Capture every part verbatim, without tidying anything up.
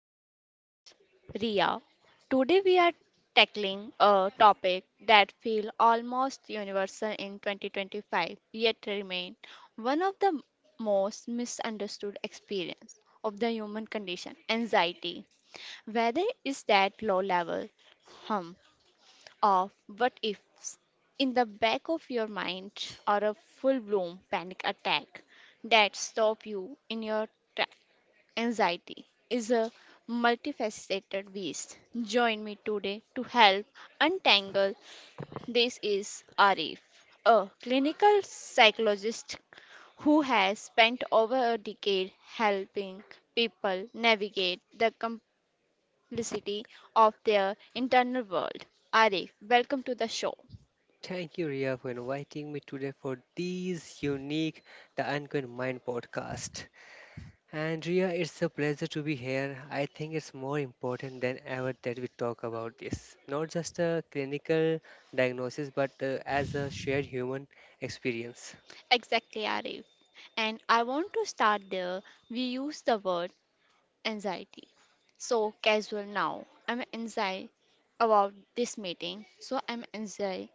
I'm your host, Ria. Today, we are tackling a topic that feels almost universal in twenty twenty-five, yet remain one of the most misunderstood experience of the human condition anxiety whether is that low level hum of what ifs in the back of your mind or a full blown panic attack that stop you in your track. Anxiety is a multifaceted beast. Join me today to help untangle. This is Arif, a clinical psychologist who has spent over a decade helping people navigate the simplicity of their internal world. Arif, welcome to the show. Thank you, Ria, for inviting me today for this unique The Uncommon Mind podcast. And Ria, it's a pleasure to be here. I think it's more important than ever that we talk about this, not just a clinical diagnosis, but uh, as a shared human experience. Exactly, Arif. And I want to start there. We use the word anxiety. So casual now. I'm anxiety about this meeting, so I'm anxiety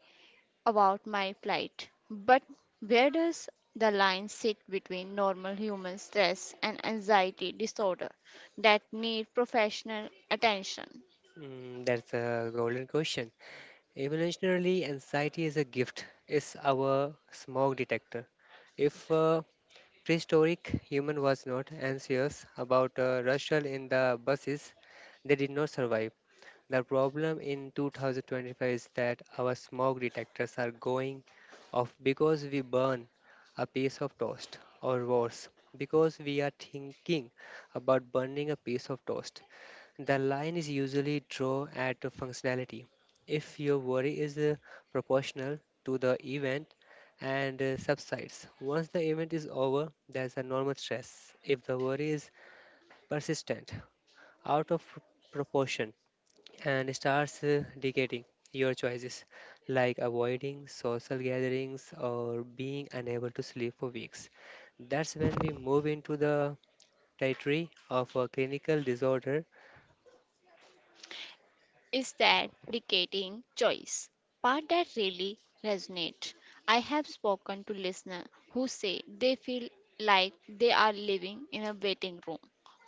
about my flight. But where does the line sit between normal human stress and anxiety disorder that need professional attention? Mm, that's a golden question. Evolutionarily, anxiety is a gift. It's our smoke detector. If uh, Prehistoric human was not anxious about a rustle in the buses. They did not survive. The problem in two thousand twenty-five is that our smoke detectors are going off because we burn a piece of toast, or worse, because we are thinking about burning a piece of toast. The line is usually drawn at the functionality. If your worry is uh, proportional to the event and uh, subsides, once the event is over, there's a normal stress. If the worry is persistent, out of proportion, and starts uh, dictating your choices, like avoiding social gatherings or being unable to sleep for weeks, that's when we move into the territory of a clinical disorder. is that dictating choice part that really resonates. I have spoken to listeners who say they feel like they are living in a waiting room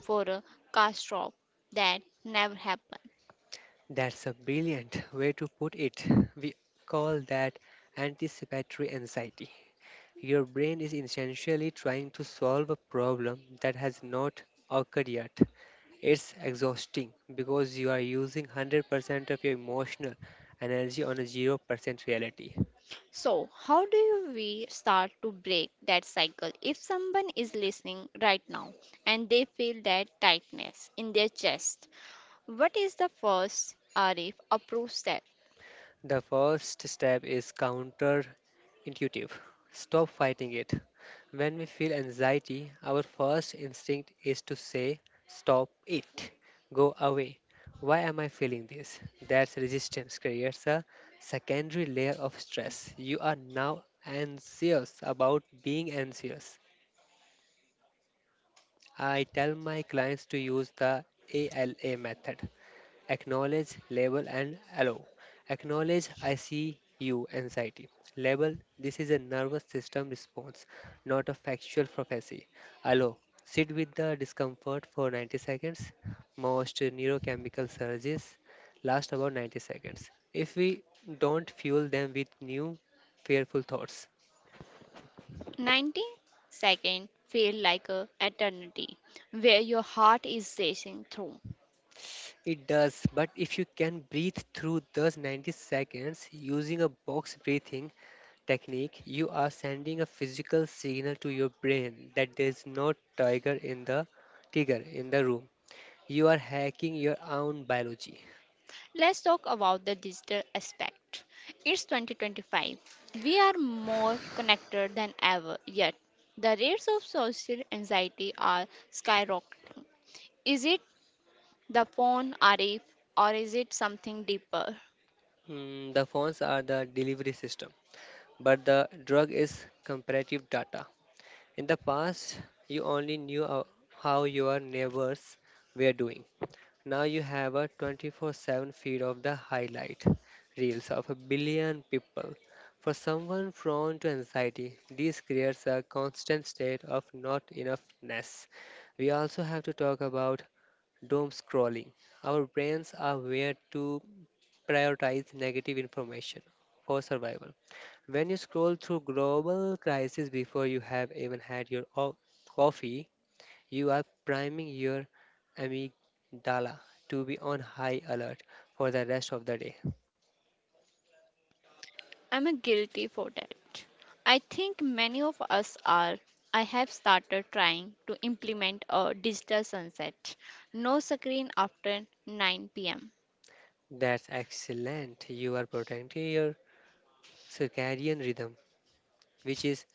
for a car stop that never happened. That's a brilliant way to put it. We call that anticipatory anxiety. Your brain is essentially trying to solve a problem that has not occurred yet. It's exhausting because you are using one hundred percent of your emotional energy on a zero percent reality. So, how do you- we start to break that cycle if someone is listening right now and they feel that tightness in their chest? What is the first R F approved step? The first step is counterintuitive. Stop fighting it. When we feel anxiety, our first instinct is to say, "Stop it. Go away. Why am I feeling this?" That's resistance creates a secondary layer of stress. You are now anxious about being anxious. I tell my clients to use the A L A method: acknowledge, label, and allow. Acknowledge: I see you, anxiety. Label: this is a nervous system response, not a factual prophecy. Allow: sit with the discomfort for ninety seconds. Most neurochemical surges last about ninety seconds if we don't fuel them with new fearful thoughts. ninety seconds feel like a eternity where your heart is racing through. It does, but if you can breathe through those ninety seconds using a box breathing technique, you are sending a physical signal to your brain that there's no tiger in the tiger in the room. You are hacking your own biology. Let's talk about the digital aspect. It's twenty twenty-five. We are more connected than ever, yet the rates of social anxiety are skyrocketing. Is it the phone, Arif, or is it something deeper? Mm, the phones are the delivery system, but the drug is comparative data. In the past, you only knew uh, how your neighbors were doing. Now you have a twenty-four seven feed of the highlight reels of a billion people. For someone prone to anxiety, this creates a constant state of not enoughness. We also have to talk about doom scrolling. Our brains are wired to prioritize negative information for survival. When you scroll through global crisis before you have even had your o- coffee, you are priming your amygdala to be on high alert for the rest of the day. I'm a guilty for that. I think many of us are. I have started trying to implement a digital sunset. No screen after nine p m. That's excellent. You are protecting your circadian rhythm, which is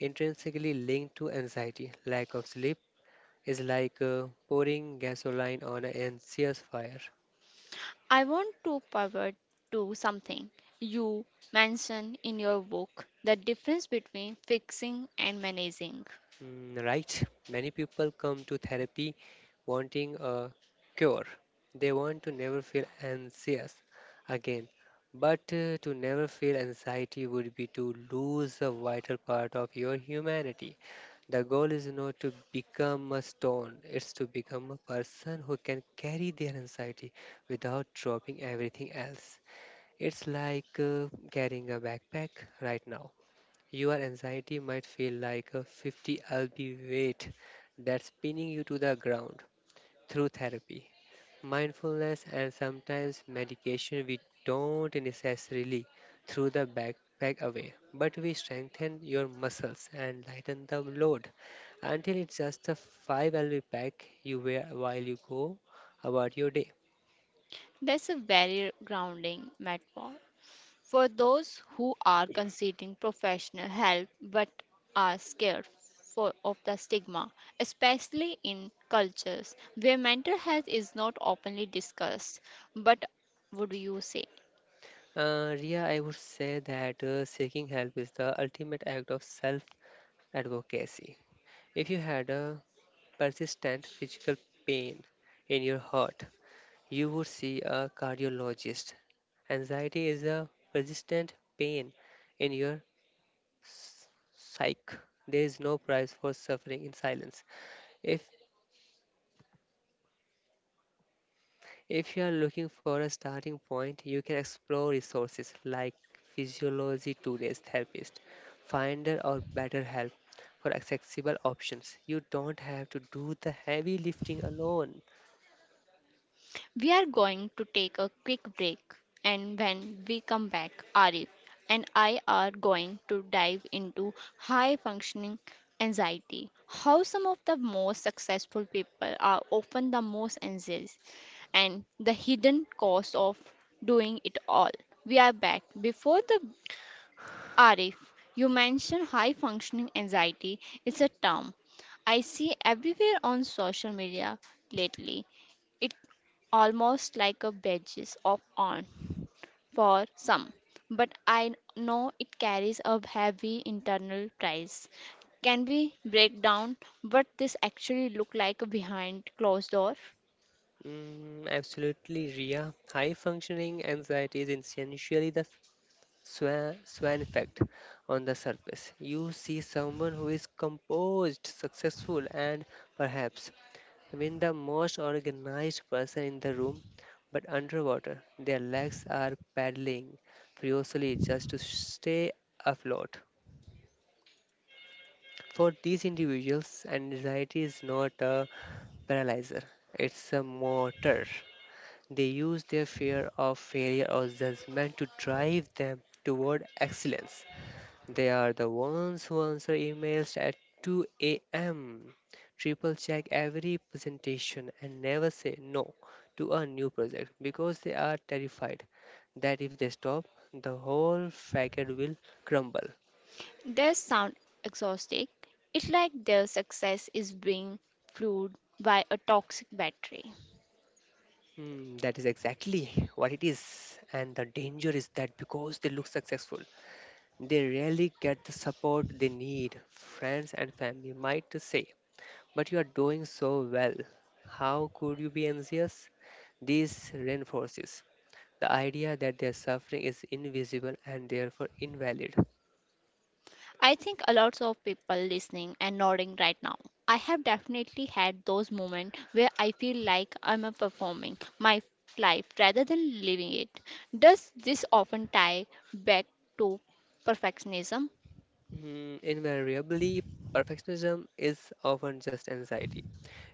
intrinsically linked to anxiety. Lack of sleep is like uh, pouring gasoline on an anxious fire. I want to pivot to something you mentioned in your book the difference between fixing and managing. Mm. Right. Many people come to therapy wanting a cure. They want to never feel anxious again. But uh, to never feel anxiety would be to lose a vital part of your humanity. The goal is not to become a stone, it's to become a person who can carry their anxiety without dropping everything else. It's like uh, carrying a backpack right now. Your anxiety might feel like a fifty pound weight that's pinning you to the ground. Through therapy, mindfulness, and sometimes medication, we don't necessarily throw the backpack away, but we strengthen your muscles and lighten the load until it's just a five pound pack you wear while you go about your day. That's a very grounding metaphor. For those who are considering professional help but are scared for, of the stigma, especially in cultures where mental health is not openly discussed, but would you say? Uh, Ria, I would say that uh, seeking help is the ultimate act of self advocacy. If you had a persistent physical pain in your heart, you would see a cardiologist. Anxiety is a persistent pain in your s- psyche. There is no price for suffering in silence. If if you are looking for a starting point, you can explore resources like Physiology Today's Therapist Finder, or BetterHelp for accessible options. You don't have to do the heavy lifting alone. We are going to take a quick break, and when we come back, Arif and I are going to dive into high functioning anxiety, how some of the most successful people are often the most anxious, and the hidden cost of doing it all. We are back. Before the Arif, you mentioned high functioning anxiety. It's a term I see everywhere on social media lately. It's almost like a badge of honor for some, but I know it carries a heavy internal price. Can we break down what this actually look like behind closed door? Mm, absolutely, Ria. High functioning anxiety is essentially the swan, swan effect. On the surface, you see someone who is composed, successful, and perhaps even the most organized person in the room, but underwater, their legs are paddling furiously just to stay afloat. For these individuals, anxiety is not a paralyzer, it's a motor. They use their fear of failure or judgment to drive them toward excellence. They are the ones who answer emails at two a m, triple check every presentation, and never say no to a new project because they are terrified that if they stop, the whole facade will crumble. They sound exhausting. It's like their success is being fueled by a toxic battery. Hmm, that is exactly what it is, and the danger is that because they look successful, they rarely get the support they need. Friends and family might say, "But you are doing so well. How could you be anxious?" This reinforces the idea that their suffering is invisible and therefore invalid. I think a lot of people listening and nodding right now. I have definitely had those moments where I feel like I'm a performing my life rather than living it. Does this often tie back to perfectionism? Mm, invariably, perfectionism is often just anxiety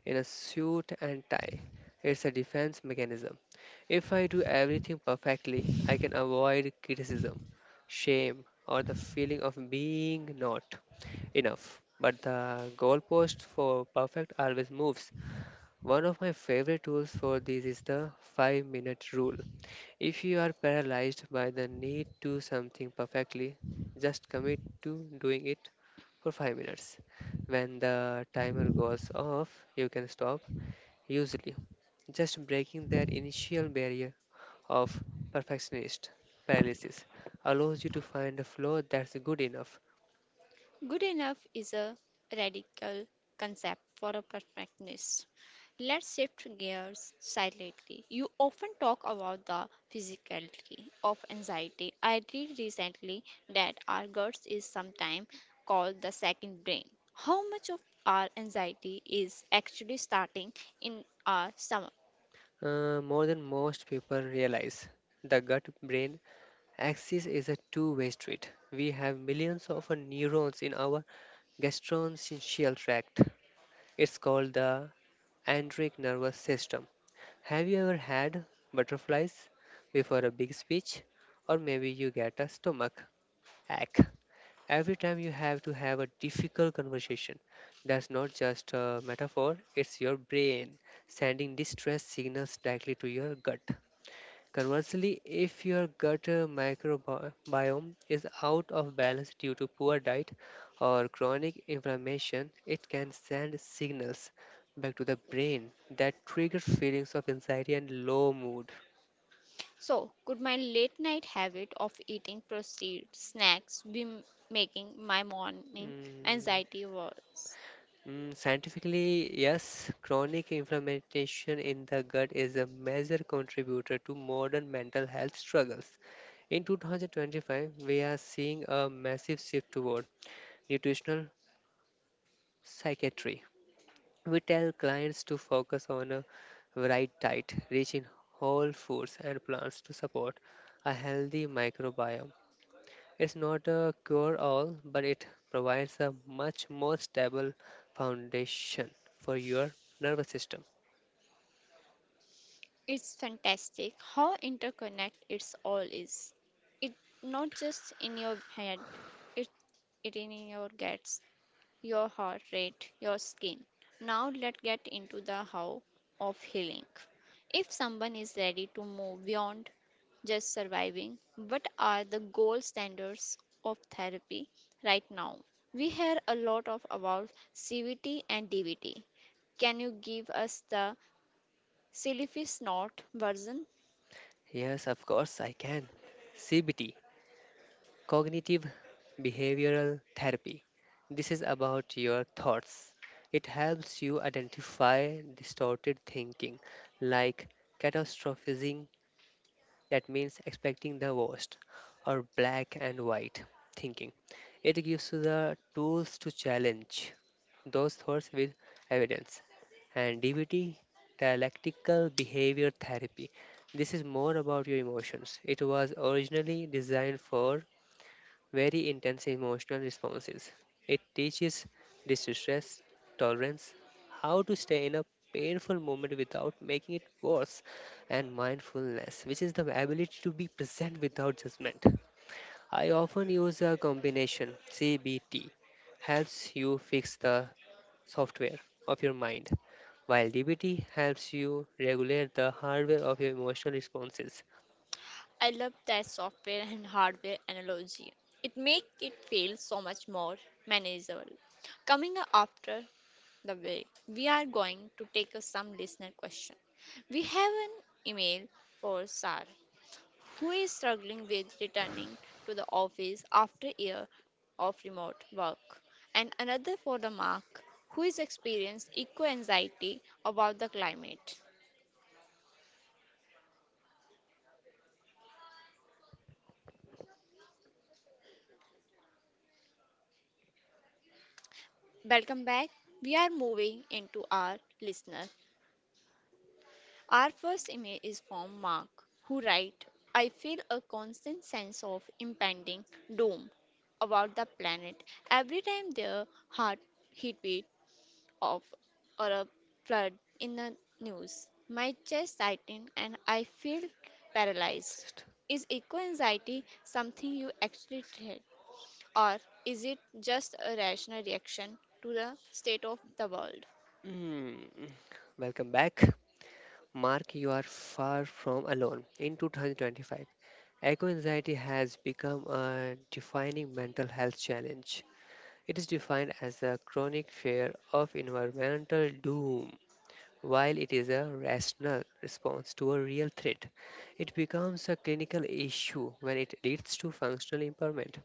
in a suit and tie. It's a defense mechanism. If I do everything perfectly, I can avoid criticism, shame, or the feeling of being not enough. But the goalpost for perfect always moves. One of my favorite tools for this is the five minute rule. If you are paralyzed by the need to do something perfectly, just commit to doing it for five minutes. When the timer goes off, you can stop. Usually, just breaking that initial barrier of perfectionist paralysis allows you to find a flow that's good enough. Good enough is a radical concept for a perfectionist. Let's shift gears slightly. You often talk about the physicality of anxiety. I read recently that our guts is sometimes called the second brain. How much of our anxiety is actually starting in our stomach? Uh, more than most people realize. The gut brain axis is a two way street. We have millions of neurons in our gastrointestinal tract. It's called the andric nervous system. Have you ever had butterflies before a big speech? Or maybe you get a stomach ache every time you have to have a difficult conversation. That's not just a metaphor, it's your brain sending distress signals directly to your gut. Conversely, if your gut uh, microbiome is out of balance due to poor diet or chronic inflammation, it can send signals back to the brain that trigger feelings of anxiety and low mood. So, could my late night habit of eating processed snacks be m- making my morning Mm, anxiety worse? mm, scientifically, yes, chronic inflammation in the gut is a major contributor to modern mental health struggles. In twenty twenty-five, we are seeing a massive shift toward nutritional psychiatry. We tell clients to focus on a right diet, rich in whole foods and plants to support a healthy microbiome. It's not a cure all, but it provides a much more stable foundation for your nervous system. It's fantastic how interconnected it's all is. It not just in your head, it, it in your guts, your heart rate, your skin. Now let's get into the how of healing. If someone is ready to move beyond just surviving, what are the gold standards of therapy right now? We hear a lot of about C V T and D V T. Can you give us the silly snort version? Yes, of course, I can. C B T: cognitive behavioral therapy. This is about your thoughts. It helps you identify distorted thinking, like catastrophizing, that means expecting the worst, or black and white thinking. It gives you the tools to challenge those thoughts with evidence. And D B T: dialectical behavior therapy. This is more about your emotions. It was originally designed for very intense emotional responses. It teaches distress tolerance, how to stay in a painful moment without making it worse, and mindfulness, which is the ability to be present without judgment. I often use a combination. C B T helps you fix the software of your mind, while D B T helps you regulate the hardware of your emotional responses. I love that software and hardware analogy. It makes it feel so much more manageable. Coming up after the break, we are going to take up some listener question. We have an email for Sar, who is struggling with returning to the office after a year of remote work, and another for the Mark, who is experienced eco anxiety about the climate. Welcome back. We are moving into our listener. Our first email is from Mark, who writes I feel a constant sense of impending doom about the planet every time there hard heat wave of or a flood in the news. My chest tightens and I feel paralyzed. Is eco anxiety something you actually treat, or is it just a rational reaction to the state of the world? Hmm. Welcome back. Mark, you are far from alone. In twenty twenty-five, eco anxiety has become a defining mental health challenge. It is defined as a chronic fear of environmental doom. While it is a rational response to a real threat, it becomes a clinical issue when it leads to functional impairment,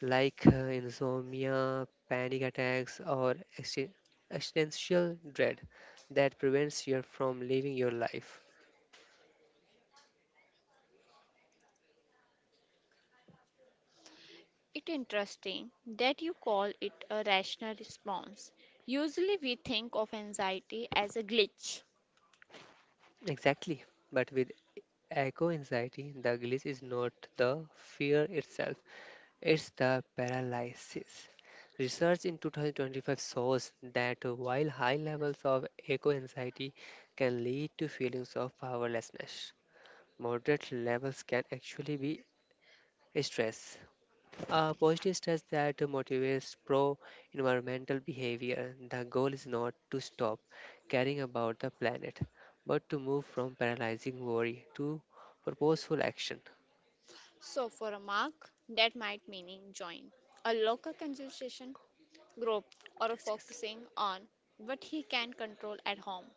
like uh, insomnia, panic attacks, or exi- existential dread that prevents you from living your life. It's interesting that you call it a rational response. Usually we think of anxiety as a glitch. Exactly. But with echo anxiety, the glitch is not the fear itself, it's the paralysis. Research in twenty twenty-five shows that while high levels of echo anxiety can lead to feelings of powerlessness, moderate levels can actually be stress. Uh, positive stress that motivates pro environmental behavior. The goal is not to stop caring about the planet, but to move from paralyzing worry to purposeful action. So for a mark, that might meaning join a local consultation group or Precisely. focusing on what he can control at home.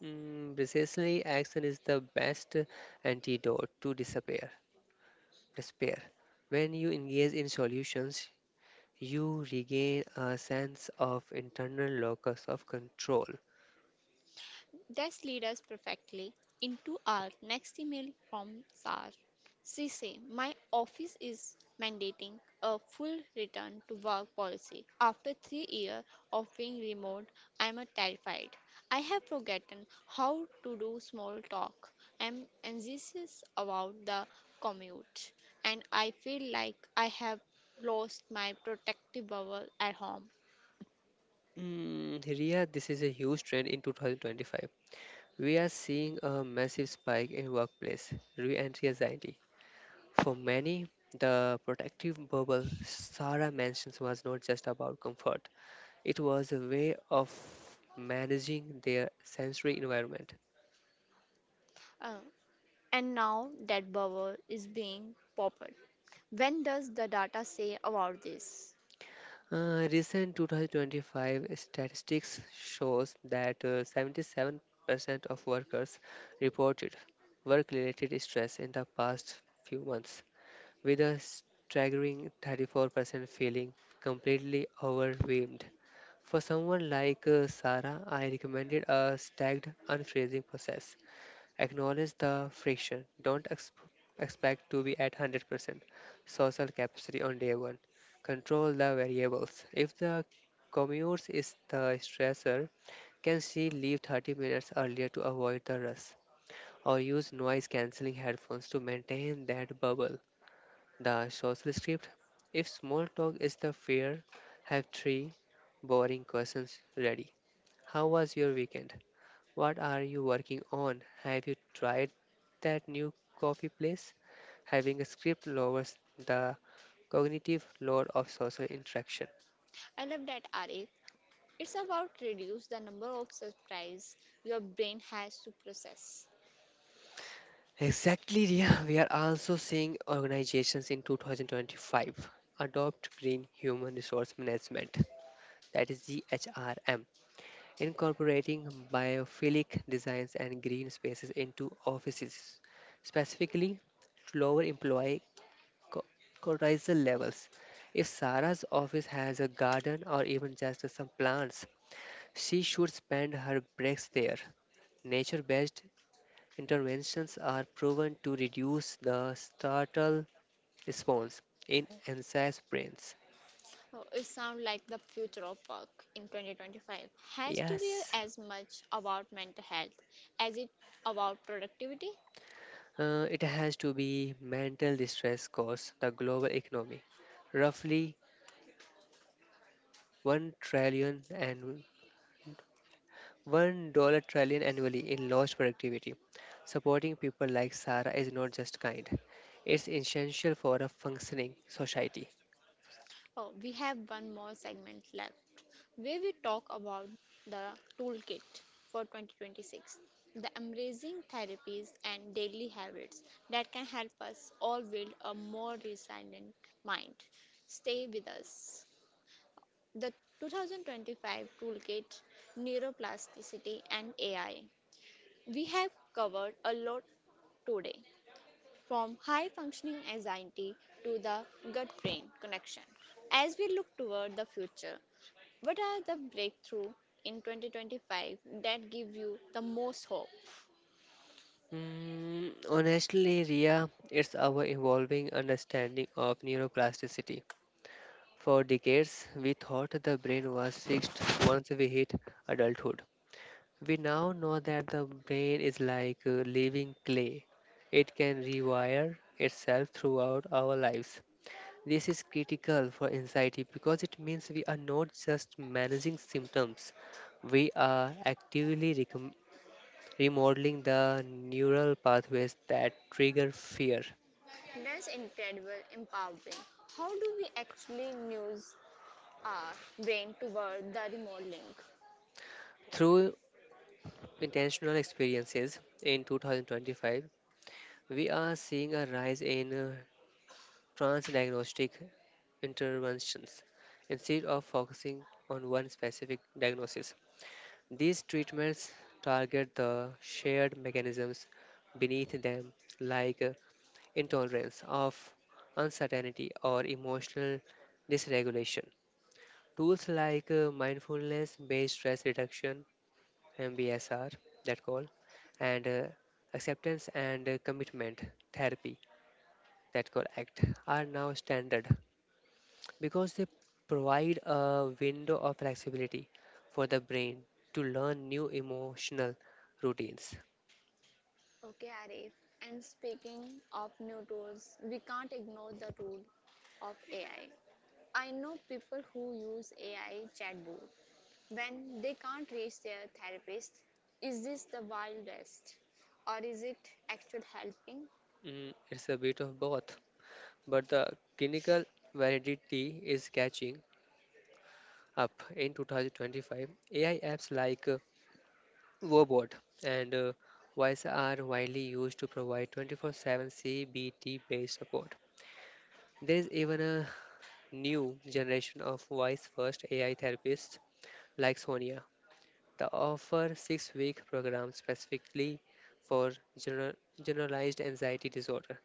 Mm, precisely, action is the best antidote to despair. Despair. When you engage in solutions, you regain a sense of internal locus of control. This leads us perfectly into our next email from Sar. She says, my office is mandating a full return to work policy. After three years of being remote, I am terrified. I have forgotten how to do small talk. I am anxious about the commute, and I feel like I have lost my protective bubble at home. Mm, Ria, this is a huge trend in twenty twenty-five. We are seeing a massive spike in workplace re entry anxiety. For many, the protective bubble Sarah mentions was not just about comfort, it was a way of managing their sensory environment. Uh, And now that bubble is being popped. When does the data say about this? Uh, recent twenty twenty-five statistics shows that uh, seventy-seven percent of workers reported work-related stress in the past few months with a staggering thirty-four percent feeling completely overwhelmed. For someone like uh, Sarah, I recommended a stagged unfreezing process. Acknowledge the friction. Don't ex- expect to be at one hundred percent social capacity on day one. Control the variables. If the commute is the stressor, can she leave thirty minutes earlier to avoid the rush? Or use noise cancelling headphones to maintain that bubble? The social script. If small talk is the fear, have three boring questions ready. How was your weekend? What are you working on? Have you tried that new coffee place? Having a script lowers the cognitive load of social interaction. I love that, Arif. It's about reduce the number of surprise your brain has to process. Exactly, Ria. We are also seeing organizations in twenty twenty-five adopt green human resource management, that is G H R M, incorporating biophilic designs and green spaces into offices, specifically to lower employee co- cortisol levels. If Sarah's office has a garden or even just some plants, she should spend her breaks there. Nature based interventions are proven to reduce the startle response in anxious brains. Oh, It sounds like the future of work in twenty twenty-five has to be Yes. as much about mental health as it about productivity. Uh, it has to be mental distress costs the global economy roughly one trillion and one dollar trillion annually in lost productivity. Supporting people like Sarah is not just kind, it's essential for a functioning society. Oh, we have one more segment left where we talk about the toolkit for twenty twenty-six, the amazing therapies and daily habits that can help us all build a more resilient mind. Stay with us. The twenty twenty-five Toolkit Neuroplasticity and A I. We have covered a lot today, from high functioning anxiety to the gut brain connection. As we look toward the future, what are the breakthrough in twenty twenty-five that give you the most hope? Mm, honestly, Ria, it's our evolving understanding of neuroplasticity. For decades, we thought the brain was fixed once we hit adulthood. We now know that the brain is like uh, living clay. It can rewire itself throughout our lives. This is critical for anxiety because it means we are not just managing symptoms, we are actively recom- remodeling the neural pathways that trigger fear. That's incredible, empowering. How do we actually use our brain toward the remote link? Through intentional experiences in two thousand twenty-five, we are seeing a rise in uh, transdiagnostic interventions. Instead of focusing on one specific diagnosis, these treatments target the shared mechanisms beneath them, like uh, intolerance of uncertainty or emotional dysregulation. Tools like uh, mindfulness based stress reduction, M B S R, that call, and uh, acceptance and uh, commitment therapy, that call A C T, are now standard because they provide a window of flexibility for the brain to learn new emotional routines. Okay, Arif. And speaking of new tools, we can't ignore the role of A I. I I know people who use A I chatbot when they can't reach their therapist. Is this the wild west, or is it actual helping? Mm, it's a bit of both, but the clinical validity is catching up. In twenty twenty-five, A I apps like uh, Wobot and uh, Voice are widely used to provide twenty-four seven C B T-based support. There is even a new generation of voice-first A I therapists like Sonia. They offer six week programs specifically for gener- generalized anxiety disorder.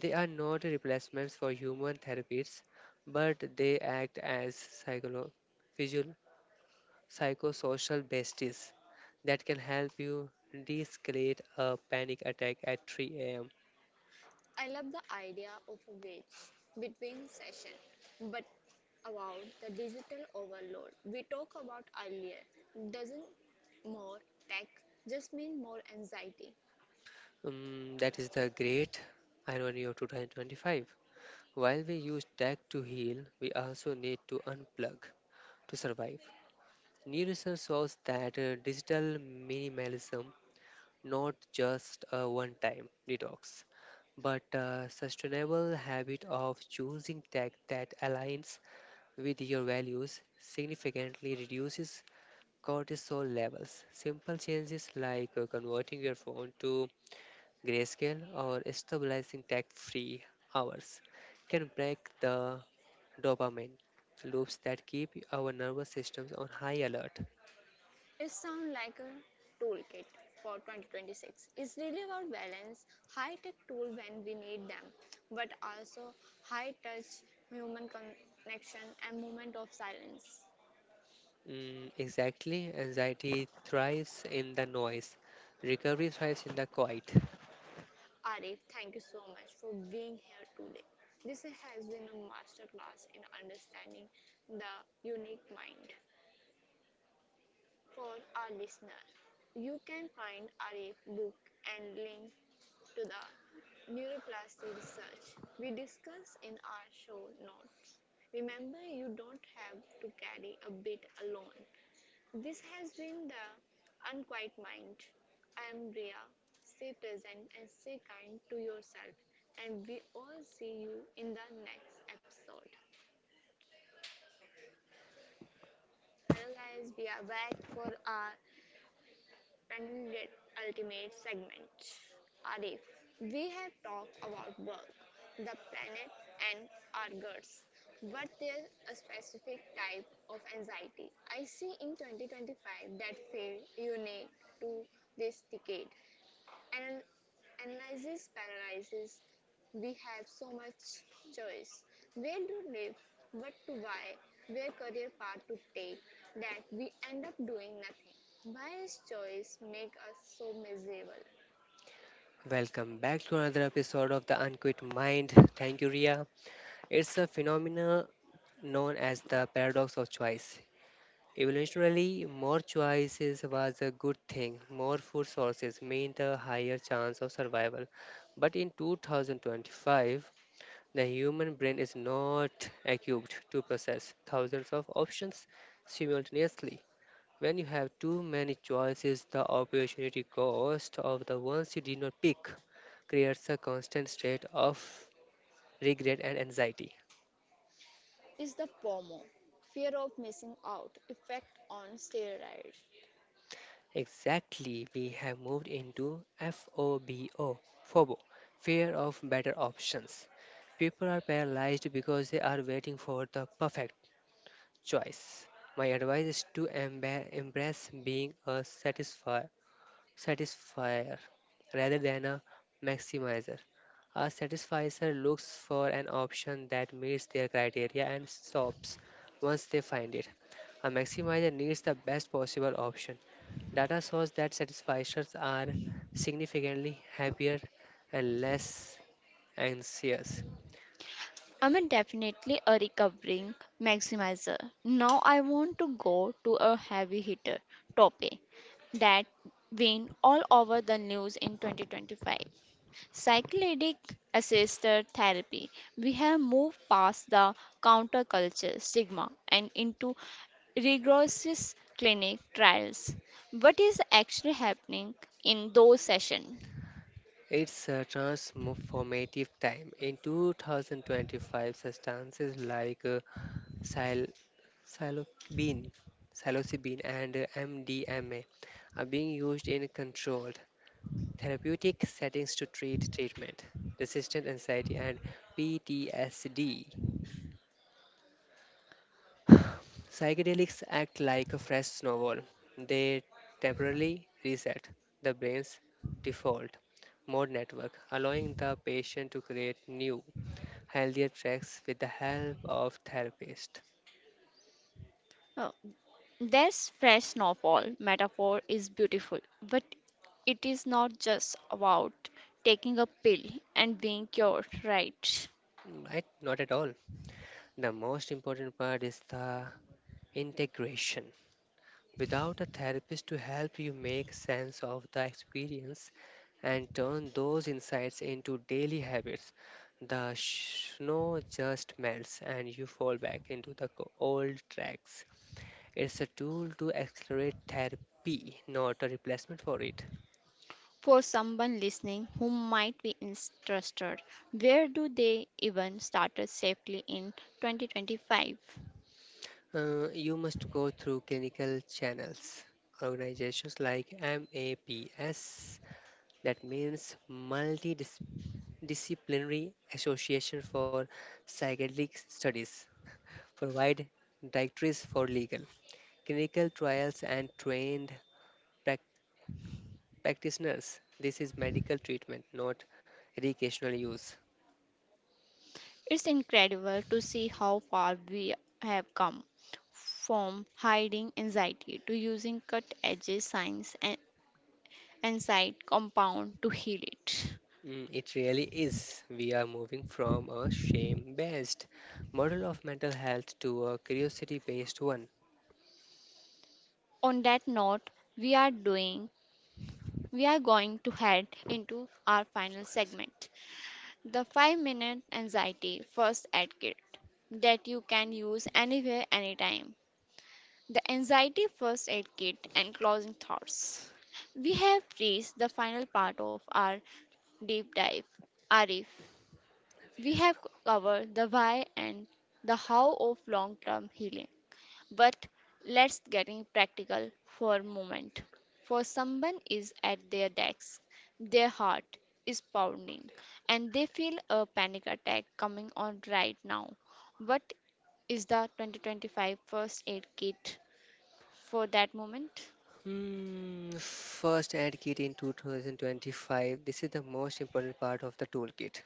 They are not replacements for human therapists, but they act as psycholo- visual- psychosocial besties that can help you de escalate a panic attack at three a m. I love the idea of a bridge between session, but about the digital overload we talked about earlier, doesn't more tech just mean more anxiety? Um, that is the great irony of two thousand twenty-five. While we use tech to heal, we also need to unplug to survive. New research shows that uh, digital minimalism, not just a one time detox, but a sustainable habit of choosing tech that aligns with your values, significantly reduces cortisol levels. Simple changes like uh, converting your phone to grayscale or stabilizing tech free hours can break the dopamine loops that keep our nervous systems on high alert. It sounds like a toolkit for twenty twenty-six. It's really about balance, high tech tool when we need them, but also high touch human connection and moment of silence. Mm, exactly. Anxiety thrives in the noise. Recovery thrives in the quiet. Arif, thank you so much for being here today. This has been a masterclass in understanding the unique mind. For our listener, you can find Arif's book and link to the neuroplasty research we discuss in our show notes. Remember, you don't have to carry a bit alone. This has been the Unquiet Mind. I am Bria. Stay present and stay kind to yourself. And we all see you in the next episode. Hello, guys, we are back for our expanded ultimate segment. Arif, we have talked about work, the planet, and Argus, but there's a specific type of anxiety I see in twenty twenty-five that feel unique to this decade. Anal- analysis paralysis. We have so much choice. Where to live, what to buy, where career path to take, that we end up doing nothing. Why is choice make us so miserable? Welcome back to another episode of The Unquit Mind. Thank you, Ria. It's a phenomenon known as the paradox of choice. Evolutionarily, more choices was a good thing. More food sources meant a higher chance of survival. But in two thousand twenty-five, the human brain is not equipped to process thousands of options simultaneously. When you have too many choices, the opportunity cost of the ones you did not pick creates a constant state of regret and anxiety. is the P O M O, fear of missing out, effect on steroids. Exactly, we have moved into F O B O, F O B O, fear of better options. People are paralyzed because they are waiting for the perfect choice. My advice is to emba- embrace being a satisfied satisfier rather than a maximizer. A satisfier looks for an option that meets their criteria and stops once they find it. A maximizer needs the best possible option. Data shows that satisfiers are significantly happier and less anxious. I'm definitely a recovering maximizer. Now I want to go to a heavy hitter, Tope, that been all over the news in twenty twenty-five. Psychedelic assisted therapy. We have moved past the counterculture stigma and into rigorous clinic trials. What is actually happening in those sessions? It's a transformative time. In two thousand twenty-five, substances like uh, psil- psilocybin, psilocybin and M D M A are being used in controlled therapeutic settings to treat treatment resistant anxiety and P T S D. Psychedelics act like a fresh snowball. They temporarily reset the brain's default mode network, allowing the patient to create new, healthier tracks with the help of therapist. This fresh snowfall metaphor is beautiful, but it is not just about taking a pill and being cured, right? Right? Not at all. The most important part is the integration. Without a therapist to help you make sense of the experience and turn those insights into daily habits, the snow just melts and you fall back into the co- old tracks. It's a tool to accelerate therapy, not a replacement for it. For someone listening who might be interested, where do they even started safely in twenty twenty-five? Uh, you must go through clinical channels. Organizations like MAPS, that means multidisciplinary Disciplinary Association for Psychedelic Studies, provide directories for legal, clinical trials, and trained prac- practitioners. This is medical treatment, not educational use. It's incredible to see how far we have come from hiding anxiety to using cut edge science and, and side compound to heal it. Mm, it really is. We are moving from a shame based model of mental health to a curiosity based one. on that note, we are doing we are going to head into our final segment, the five minute anxiety first aid kit that you can use anywhere anytime. The anxiety first aid kit and closing thoughts. We have reached the final part of our deep dive. Arif, we have covered the why and the how of long term healing. But let's getting practical for a moment. For someone is at their desk, their heart is pounding, and they feel a panic attack coming on right now. What is the twenty twenty-five first aid kit for that moment? Hmm, first aid kit in two thousand twenty-five. This is the most important part of the toolkit.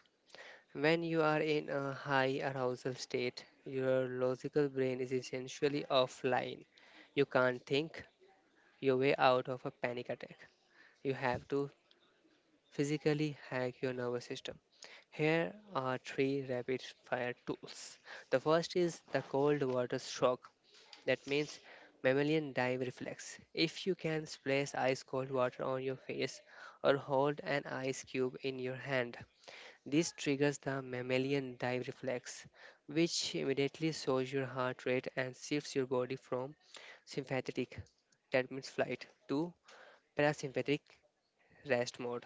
When you are in a high arousal state, your logical brain is essentially offline. You can't think your way out of a panic attack. You have to physically hack your nervous system. Here are three rapid fire tools. The first is the cold water shock. That means mammalian dive reflex. If you can splash ice cold water on your face or hold an ice cube in your hand, this triggers the mammalian dive reflex, which immediately slows your heart rate and shifts your body from sympathetic, that means flight, to parasympathetic rest mode.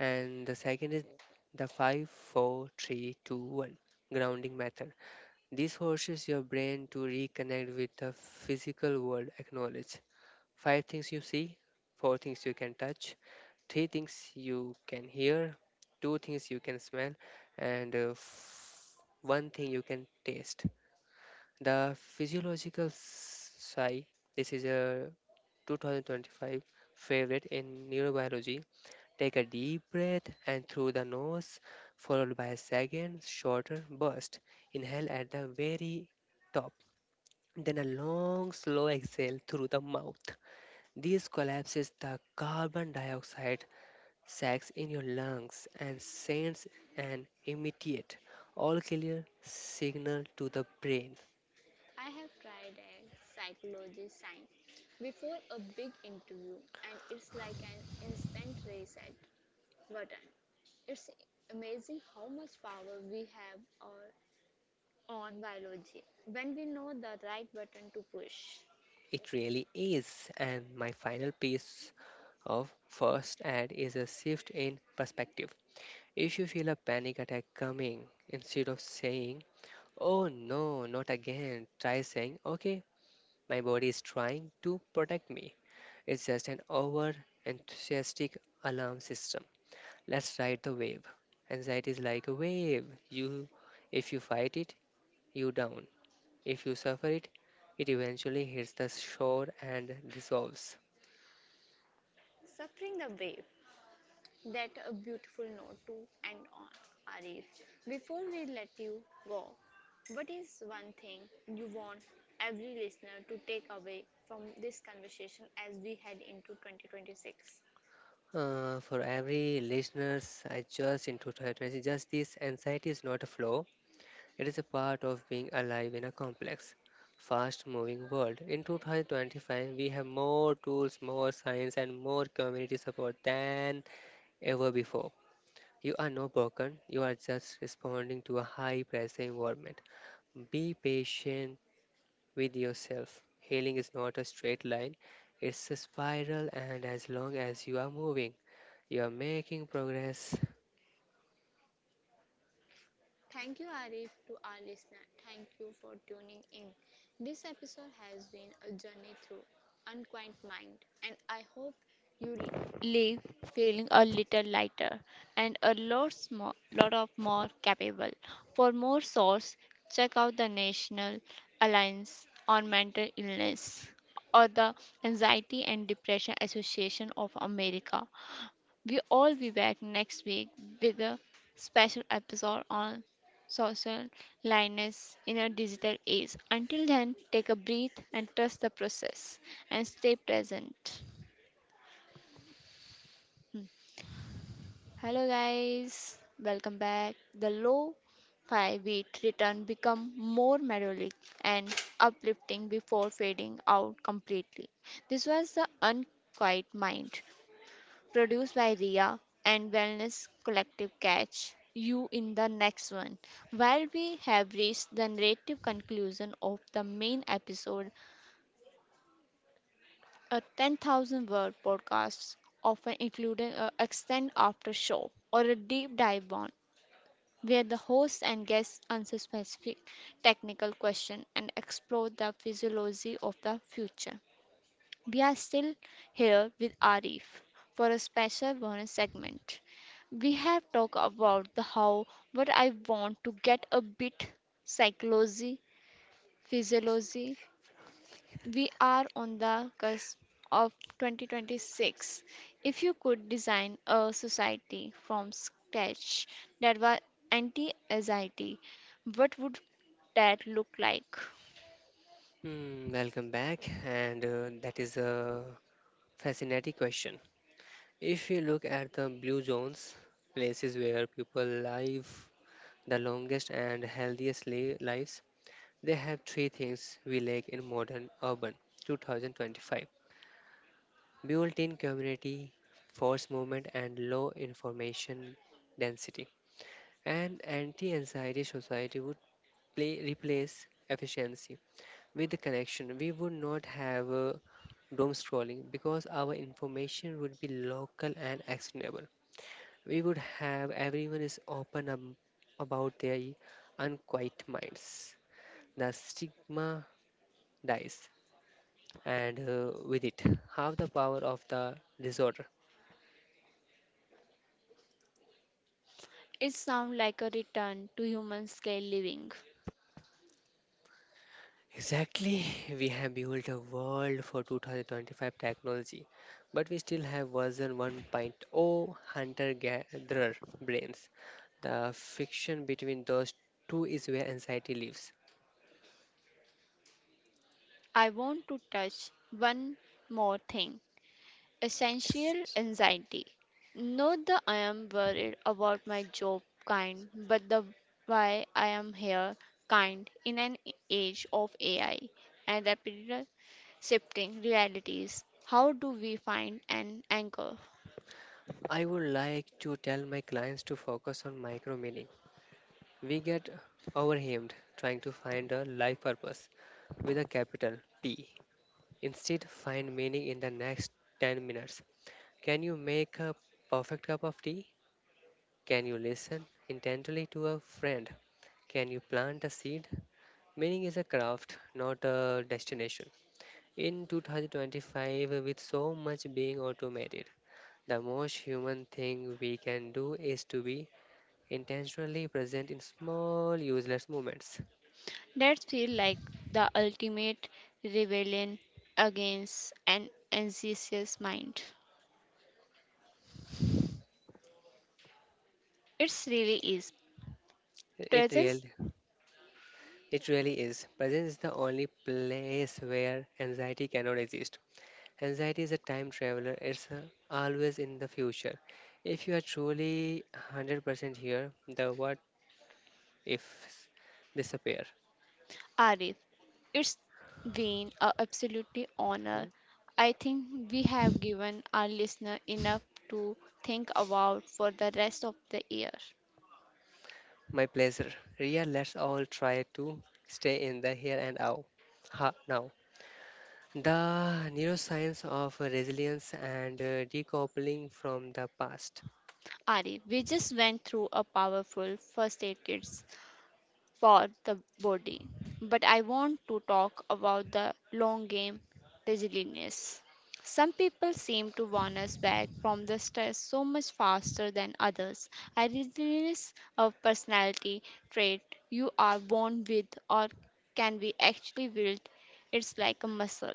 And the second is the five, four, three, two, one grounding method. This forces your brain to reconnect with the physical world. Acknowledge five things you see, four things you can touch, three things you can hear, two things you can smell, and uh, f- one thing you can taste. The physiological s- sigh. This is a twenty twenty-five favorite in neurobiology. Take a deep breath and through the nose, followed by a second shorter burst. Inhale at the very top, then a long slow exhale through the mouth. This collapses the carbon dioxide sacs in your lungs and sends an immediate, all clear signal to the brain. I have tried a psychology sign before a big interview, and it's like an instant reset button. It's amazing how much power we have on biology when we know the right button to push. It really is. And my final piece of first aid is a shift in perspective. If you feel a panic attack coming, instead of saying, "Oh no, not again," try saying, "Okay, my body is trying to protect me. It's just an over enthusiastic alarm system. Let's ride the wave." Anxiety is like a wave. You, if you fight it, you down. If you suffer it, it eventually hits the shore and dissolves. Suffering the wave. That a beautiful note to end on, Arif. Before we let you go, what is one thing you want every listener to take away from this conversation as we head into twenty twenty-six? Uh, for every listeners, I just into transparency. Just this anxiety is not a flaw. It is a part of being alive in a complex, fast-moving world. In twenty twenty-five, we have more tools, more science, and more community support than ever before. You are not broken, you are just responding to a high pressure environment. Be patient with yourself. Healing is not a straight line, it's a spiral, and as long as you are moving, you are making progress. Thank you, Arif, to our listener. Thank you for tuning in. This episode has been a journey through unquiet mind, and I hope you le- leave feeling a little lighter and a lot, more, lot of more capable. For more source, check out the National Alliance on Mental Illness or the Anxiety and Depression Association of America. We all be back next week with a special episode on social lioness in a digital age. Until then, take a breath and trust the process and stay present. Hello, guys, welcome back. The low fi wheat return become more melodic and uplifting before fading out completely. This was the unquiet mind produced by Ria and Wellness Collective. Catch you in the next one. While we have reached the narrative conclusion of the main episode, a ten thousand word podcast, often including an extended after show or a deep dive on where the host and guests answer specific technical questions and explore the physiology of the future. We are still here with Arif for a special bonus segment. We have talked about the how, but I want to get a bit psychology, physiology. We are on the cusp of twenty twenty-six. If you could design a society from scratch that was anti-anxiety, what would that look like? Hmm, welcome back, and uh, that is a fascinating question. If you look at the blue zones, places where people live the longest and healthiest li- lives, they have three things we lack in modern urban twenty twenty-five: built in community, force movement, and low information density. An anti anxiety society would play, replace efficiency with the connection. We would not have uh, doom scrolling because our information would be local and actionable. We would have everyone is open ab- about their unquiet minds. The stigma dies, and uh, with it, half the power of the disorder. It sounds like a return to human scale living. Exactly, we have built a world for two thousand twenty-five technology, but we still have version 1.0 hunter gatherer brains. The friction between those two is where anxiety lives. I want to touch one more thing essential Exist. anxiety. Not the I am worried about my job kind, but the why I am here kind in an age of A I and rapid shifting realities. How do we find an anchor I would like to tell my clients to focus on micro meaning. We get overwhelmed trying to find a life purpose with a capital P. Instead, find meaning in the next ten minutes. Can you make a perfect cup of tea? Can you listen intently to a friend? Can you plant a seed? Meaning is a craft, not a destination. In two thousand twenty-five, with so much being automated, the most human thing we can do is to be intentionally present in small, useless moments. that feels like the ultimate rebellion against an anxious mind? It's really is. It Presence really, it really is. Presence is the only place where anxiety cannot exist. Anxiety is a time traveler, it's uh, always in the future. If you are truly one hundred percent here, the what ifs disappear. Arif, it's been an absolutely Hmm? honor. I think we have given our listener enough to think about for the rest of the year. My pleasure. Ria, let's all try to stay in the here and now. Ha, now. The neuroscience of resilience and uh, decoupling from the past. Arif, we just went through a powerful first aid kit for the body. But I want to talk about the long game resilience. Some people seem to bounce back from the stress so much faster than others. A resilience of personality trait you are born with or can be actually built. It's like a muscle.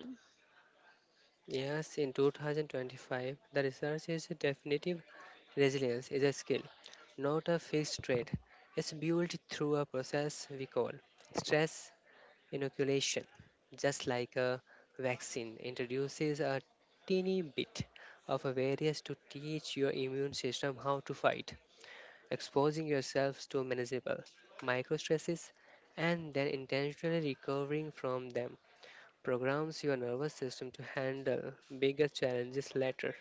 Yes, in two thousand twenty-five, the research is definitive. Resilience is a skill, not a fixed trait. It's built through a process we call stress inoculation. Just like a vaccine introduces a teeny bit of a virus to teach your immune system how to fight, exposing yourselves to manageable microstresses and then intentionally recovering from them programs your nervous system to handle bigger challenges later.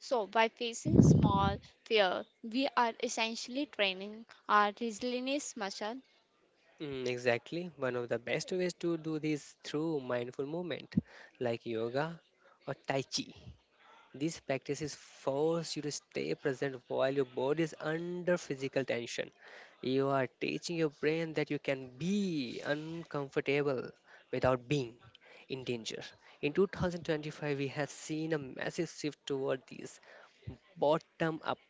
So, by facing small fear, we are essentially training our resilience muscle. Mm, exactly. One of the best ways to do this through mindful movement, like yoga or tai chi. These practices force you to stay present while your body is under physical tension. You are teaching your brain that you can be uncomfortable without being in danger. In two thousand twenty-five, we have seen a massive shift toward these bottom up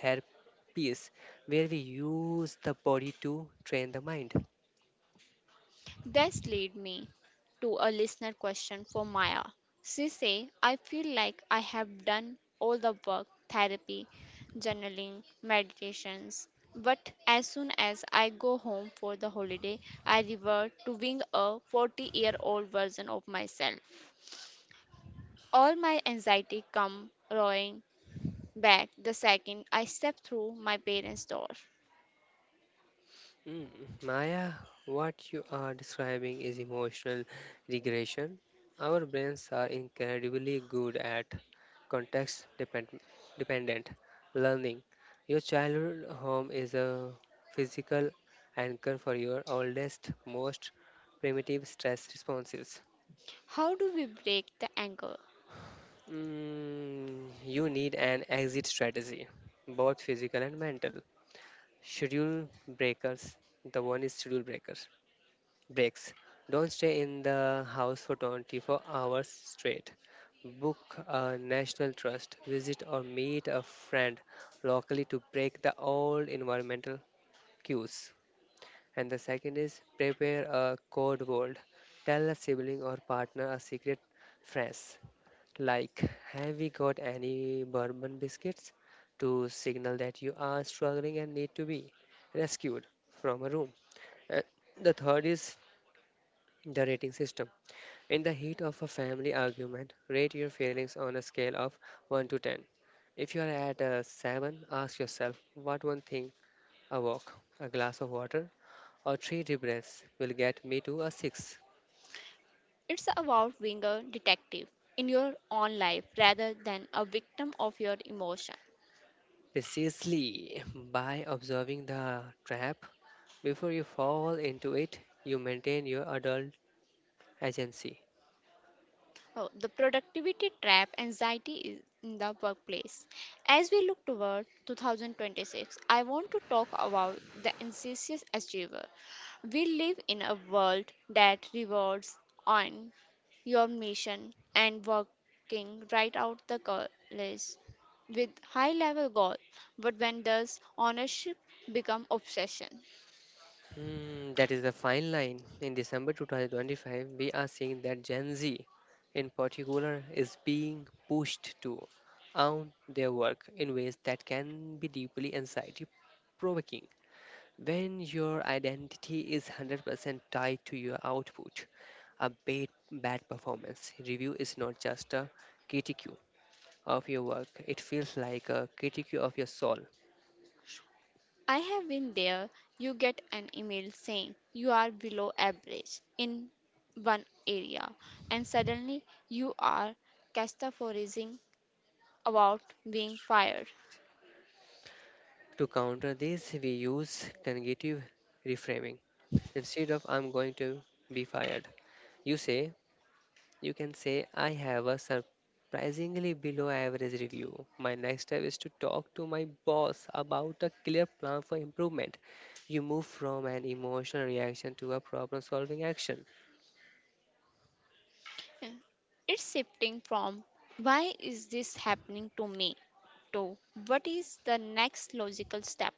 therapies where we use the body to train the mind. This lead me to a listener question for Maya. She say, I feel like I have done all the work, therapy, journaling, meditations, but as soon as I go home for the holiday, I revert to being a forty-year-old version of myself. All my anxiety come roaring back the second I step through my parents' door. Mm, Maya, what you are describing is emotional regression. Our brains are incredibly good at context depend- dependent learning. Your childhood home is a physical anchor for your oldest, most primitive stress responses. How do we break the anger Mm, you need an exit strategy, both physical and mental. Schedule breakers. The one is schedule breakers. Breaks. Don't stay in the house for twenty-four hours straight. Book a national trust, visit or meet a friend locally to break the old environmental cues. And the second is prepare a code word. Tell a sibling or partner a secret phrase like, have we got any bourbon biscuits, to signal that you are struggling and need to be rescued from a room. Uh, the third is the rating system. In the heat of a family argument, rate your feelings on a scale of one to ten. If you are at a seven, ask yourself what one thing, a walk, a glass of water, or three deep breaths will get me to a six. It's about being a detective in your own life rather than a victim of your emotion. Precisely, by observing the trap before you fall into it, you maintain your adult agency. Oh, the productivity trap anxiety is in the workplace. As we look toward two thousand twenty-six, I want to talk about the anxious achiever. We live in a world that rewards on your mission and working right out the college with high level goal but when does ownership become obsession Hmm, that is the fine line. In December twenty twenty-five, we are seeing that Gen Z, in particular, is being pushed to own their work in ways that can be deeply anxiety provoking. When your identity is one hundred percent tied to your output, a bad, bad performance review is not just a critique of your work, it feels like a critique of your soul. I have been there. You get an email saying you are below average in one area, and suddenly you are catastrophising about being fired. To counter this, we use cognitive reframing. Instead of I'm going to be fired, you say, you can say, I have a surprisingly below average review. My next step is to talk to my boss about a clear plan for improvement. You move from an emotional reaction to a problem solving action. It's shifting from why is this happening to me to what is the next logical step.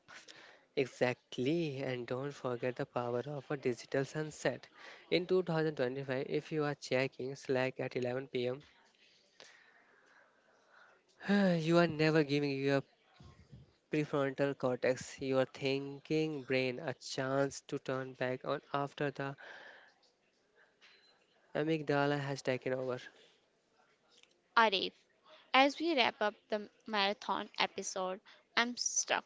Exactly, and don't forget the power of a digital sunset. In two thousand twenty-five, if you are checking Slack at eleven p m, you are never giving your prefrontal cortex, your thinking brain, a chance to turn back on after the amygdala has taken over. Arif, as we wrap up the marathon episode, I'm struck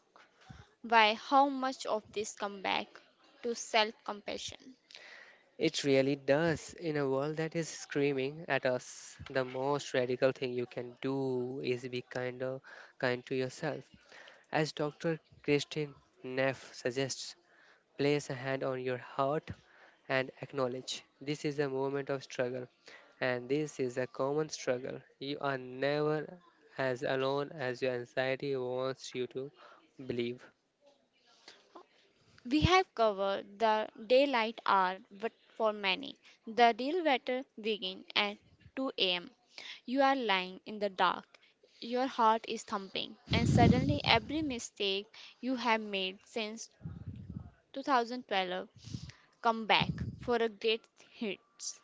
by how much of this comes back to self compassion. It really does. In a world that is screaming at us, the most radical thing you can do is be kind of kind to yourself. As Doctor Christine Neff suggests, place a hand on your heart and acknowledge this is a moment of struggle and this is a common struggle. You are never as alone as your anxiety wants you to believe. We have covered the daylight hour, but for many, the real battle begins at two a m. You are lying in the dark, your heart is thumping, and suddenly every mistake you have made since two thousand twelve come back for a great hits.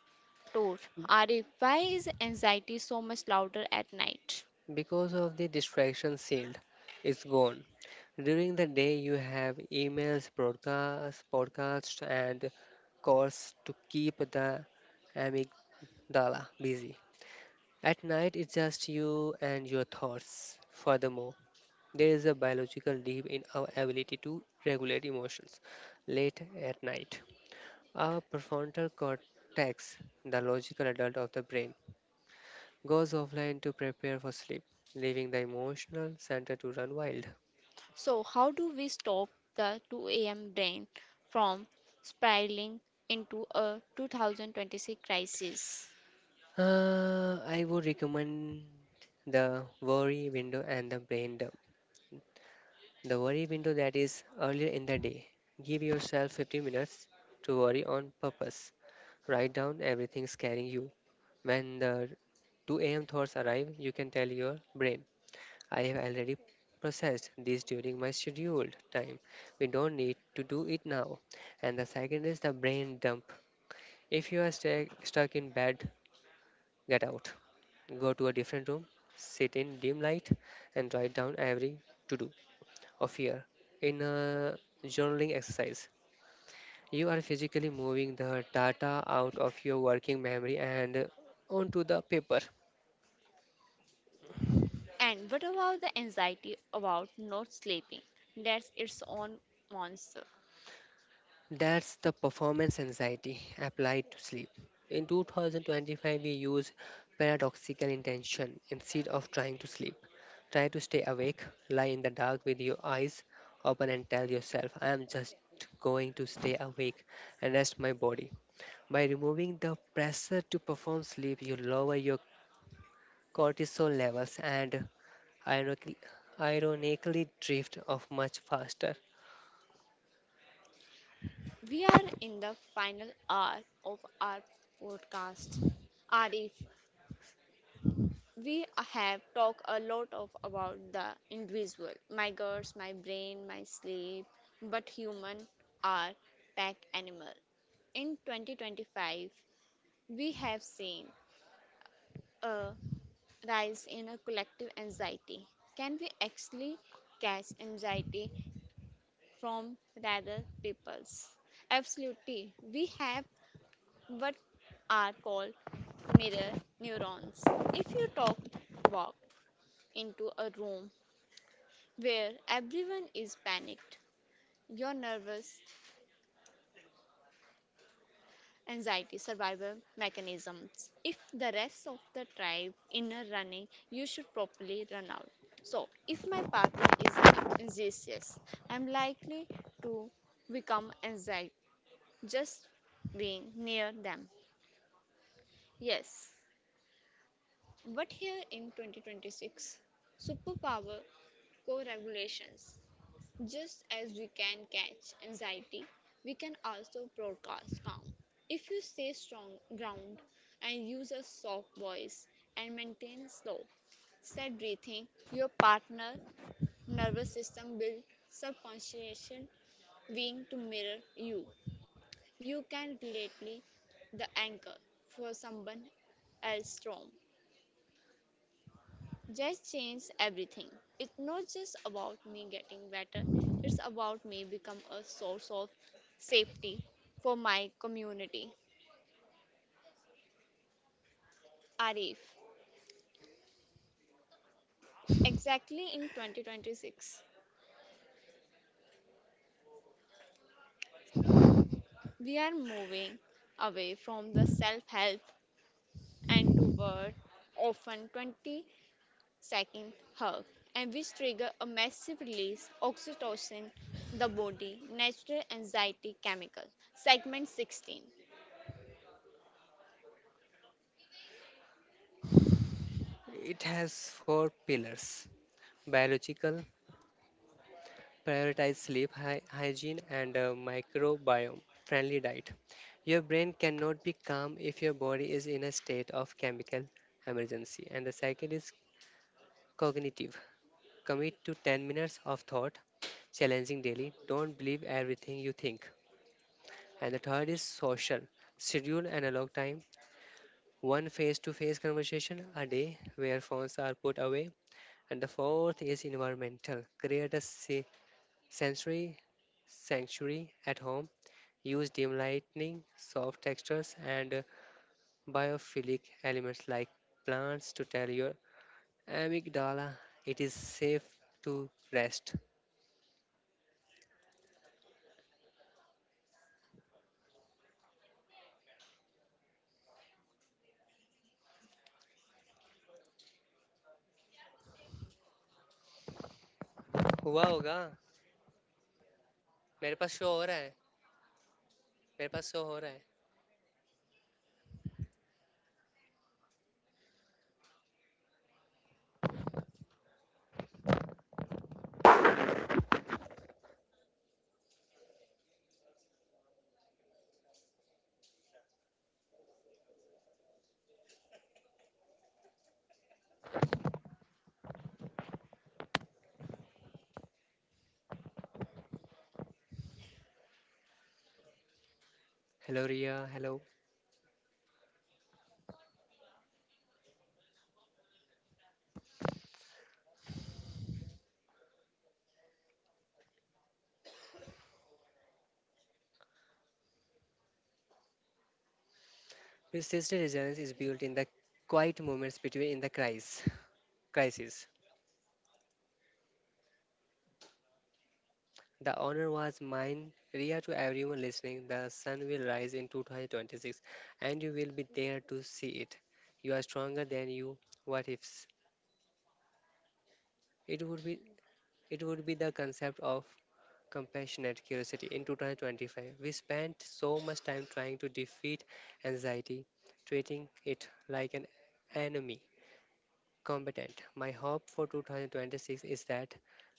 Tour. Arif, why is anxiety so much louder at night? Because of the distraction shield, it's gone. During the day, you have emails, broadcasts, podcasts, and calls to keep the amygdala busy. At night, it's just you and your thoughts. Furthermore, there is a biological deep in our ability to regulate emotions late at night. Our prefrontal cortex, the logical adult of the brain, goes offline to prepare for sleep, leaving the emotional center to run wild. So, how do we stop the two a m brain from spiraling into a two thousand twenty-six crisis? Uh, I would recommend the worry window and the brain dump. The worry window, that is earlier in the day. Give yourself fifteen minutes to worry on purpose. Write down everything scaring you. When the two a m thoughts arrive, you can tell your brain, I have already processed this during my scheduled time. We don't need to do it now. And the second is the brain dump. If you are sta- stuck in bed, get out. Go to a different room, sit in dim light, and write down every to do of fear in a journaling exercise. You are physically moving the data out of your working memory and onto the paper. And what about the anxiety about not sleeping? That's its own monster. That's the performance anxiety applied to sleep. In twenty twenty-five, we use paradoxical intention. Instead of trying to sleep, try to stay awake, lie in the dark with your eyes open, and tell yourself, I am just going to stay awake and rest my body. By removing the pressure to perform sleep, you lower your cortisol levels and ironically, ironically drift off much faster. We are in the final hour of our podcast. Arif, we have talked a lot of about the individual, my girls, my brain, my sleep, but human are pack animal. In twenty twenty-five, we have seen a rise in a collective anxiety. Can we actually catch anxiety from rather people's? Absolutely. We have what are called mirror neurons. If you talk walk into a room where everyone is panicked, your nervous anxiety survival mechanisms. If the rest of the tribe inner running, you should properly run out. So, if my partner is anxious, I'm likely to become anxious just being near them. Yes, but here in twenty twenty-six, superpower co regulations. Just as we can catch anxiety, we can also broadcast calm. If you stay strong ground and use a soft voice and maintain slow, steady breathing, your partner nervous system will subconsciously being to mirror you. You can relately the anchor for someone else storm. Just changes everything. It's not just about me getting better, it's about me become a source of safety for my community. Arif, exactly in twenty twenty-six, we are moving away from the self-help and toward often twenty second hug and which trigger a massive release oxytocin the body natural anxiety chemical segment sixteen It has four pillars. Biological, prioritize sleep hy- hygiene, and a microbiome friendly diet. Your brain cannot be calm if your body is in a state of chemical emergency. And the second is cognitive, commit to ten minutes of thought, challenging daily, don't believe everything you think. And the third is social, schedule analog time. One face to face conversation a day where phones are put away. And the fourth is environmental. Create a se- sensory sanctuary at home. Use dim lighting, soft textures, and uh, biophilic elements like plants to tell your amygdala it is safe to rest. हुआ होगा. मेरे पास show हो रहा है. मेरे पास show हो रहा है. Hello, Ria. Hello. Persistent resilience is built in the quiet moments between in the crisis. Crisis. The honor was mine, Ria. To everyone listening, the sun will rise in twenty twenty-six and you will be there to see it. You are stronger than you what ifs. It would be it would be the concept of compassionate curiosity. In twenty twenty-five, we spent so much time trying to defeat anxiety, treating it like an enemy combatant. My hope for twenty twenty-six is that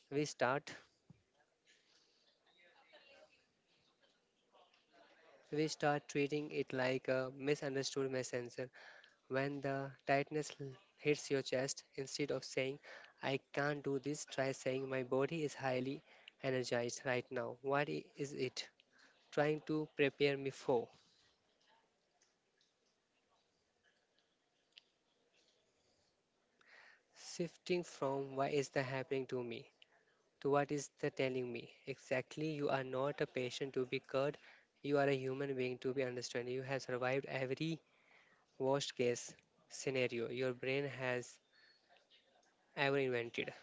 we start we start treating it like a misunderstood message. When the tightness l- hits your chest, instead of saying, I can't do this, try saying, my body is highly energized right now. What i- is it trying to prepare me for? Shifting from why is that happening to me to what is that telling me? Exactly, you are not a patient to be cured. You are a human being to be understood. You have survived every worst case scenario your brain has ever invented.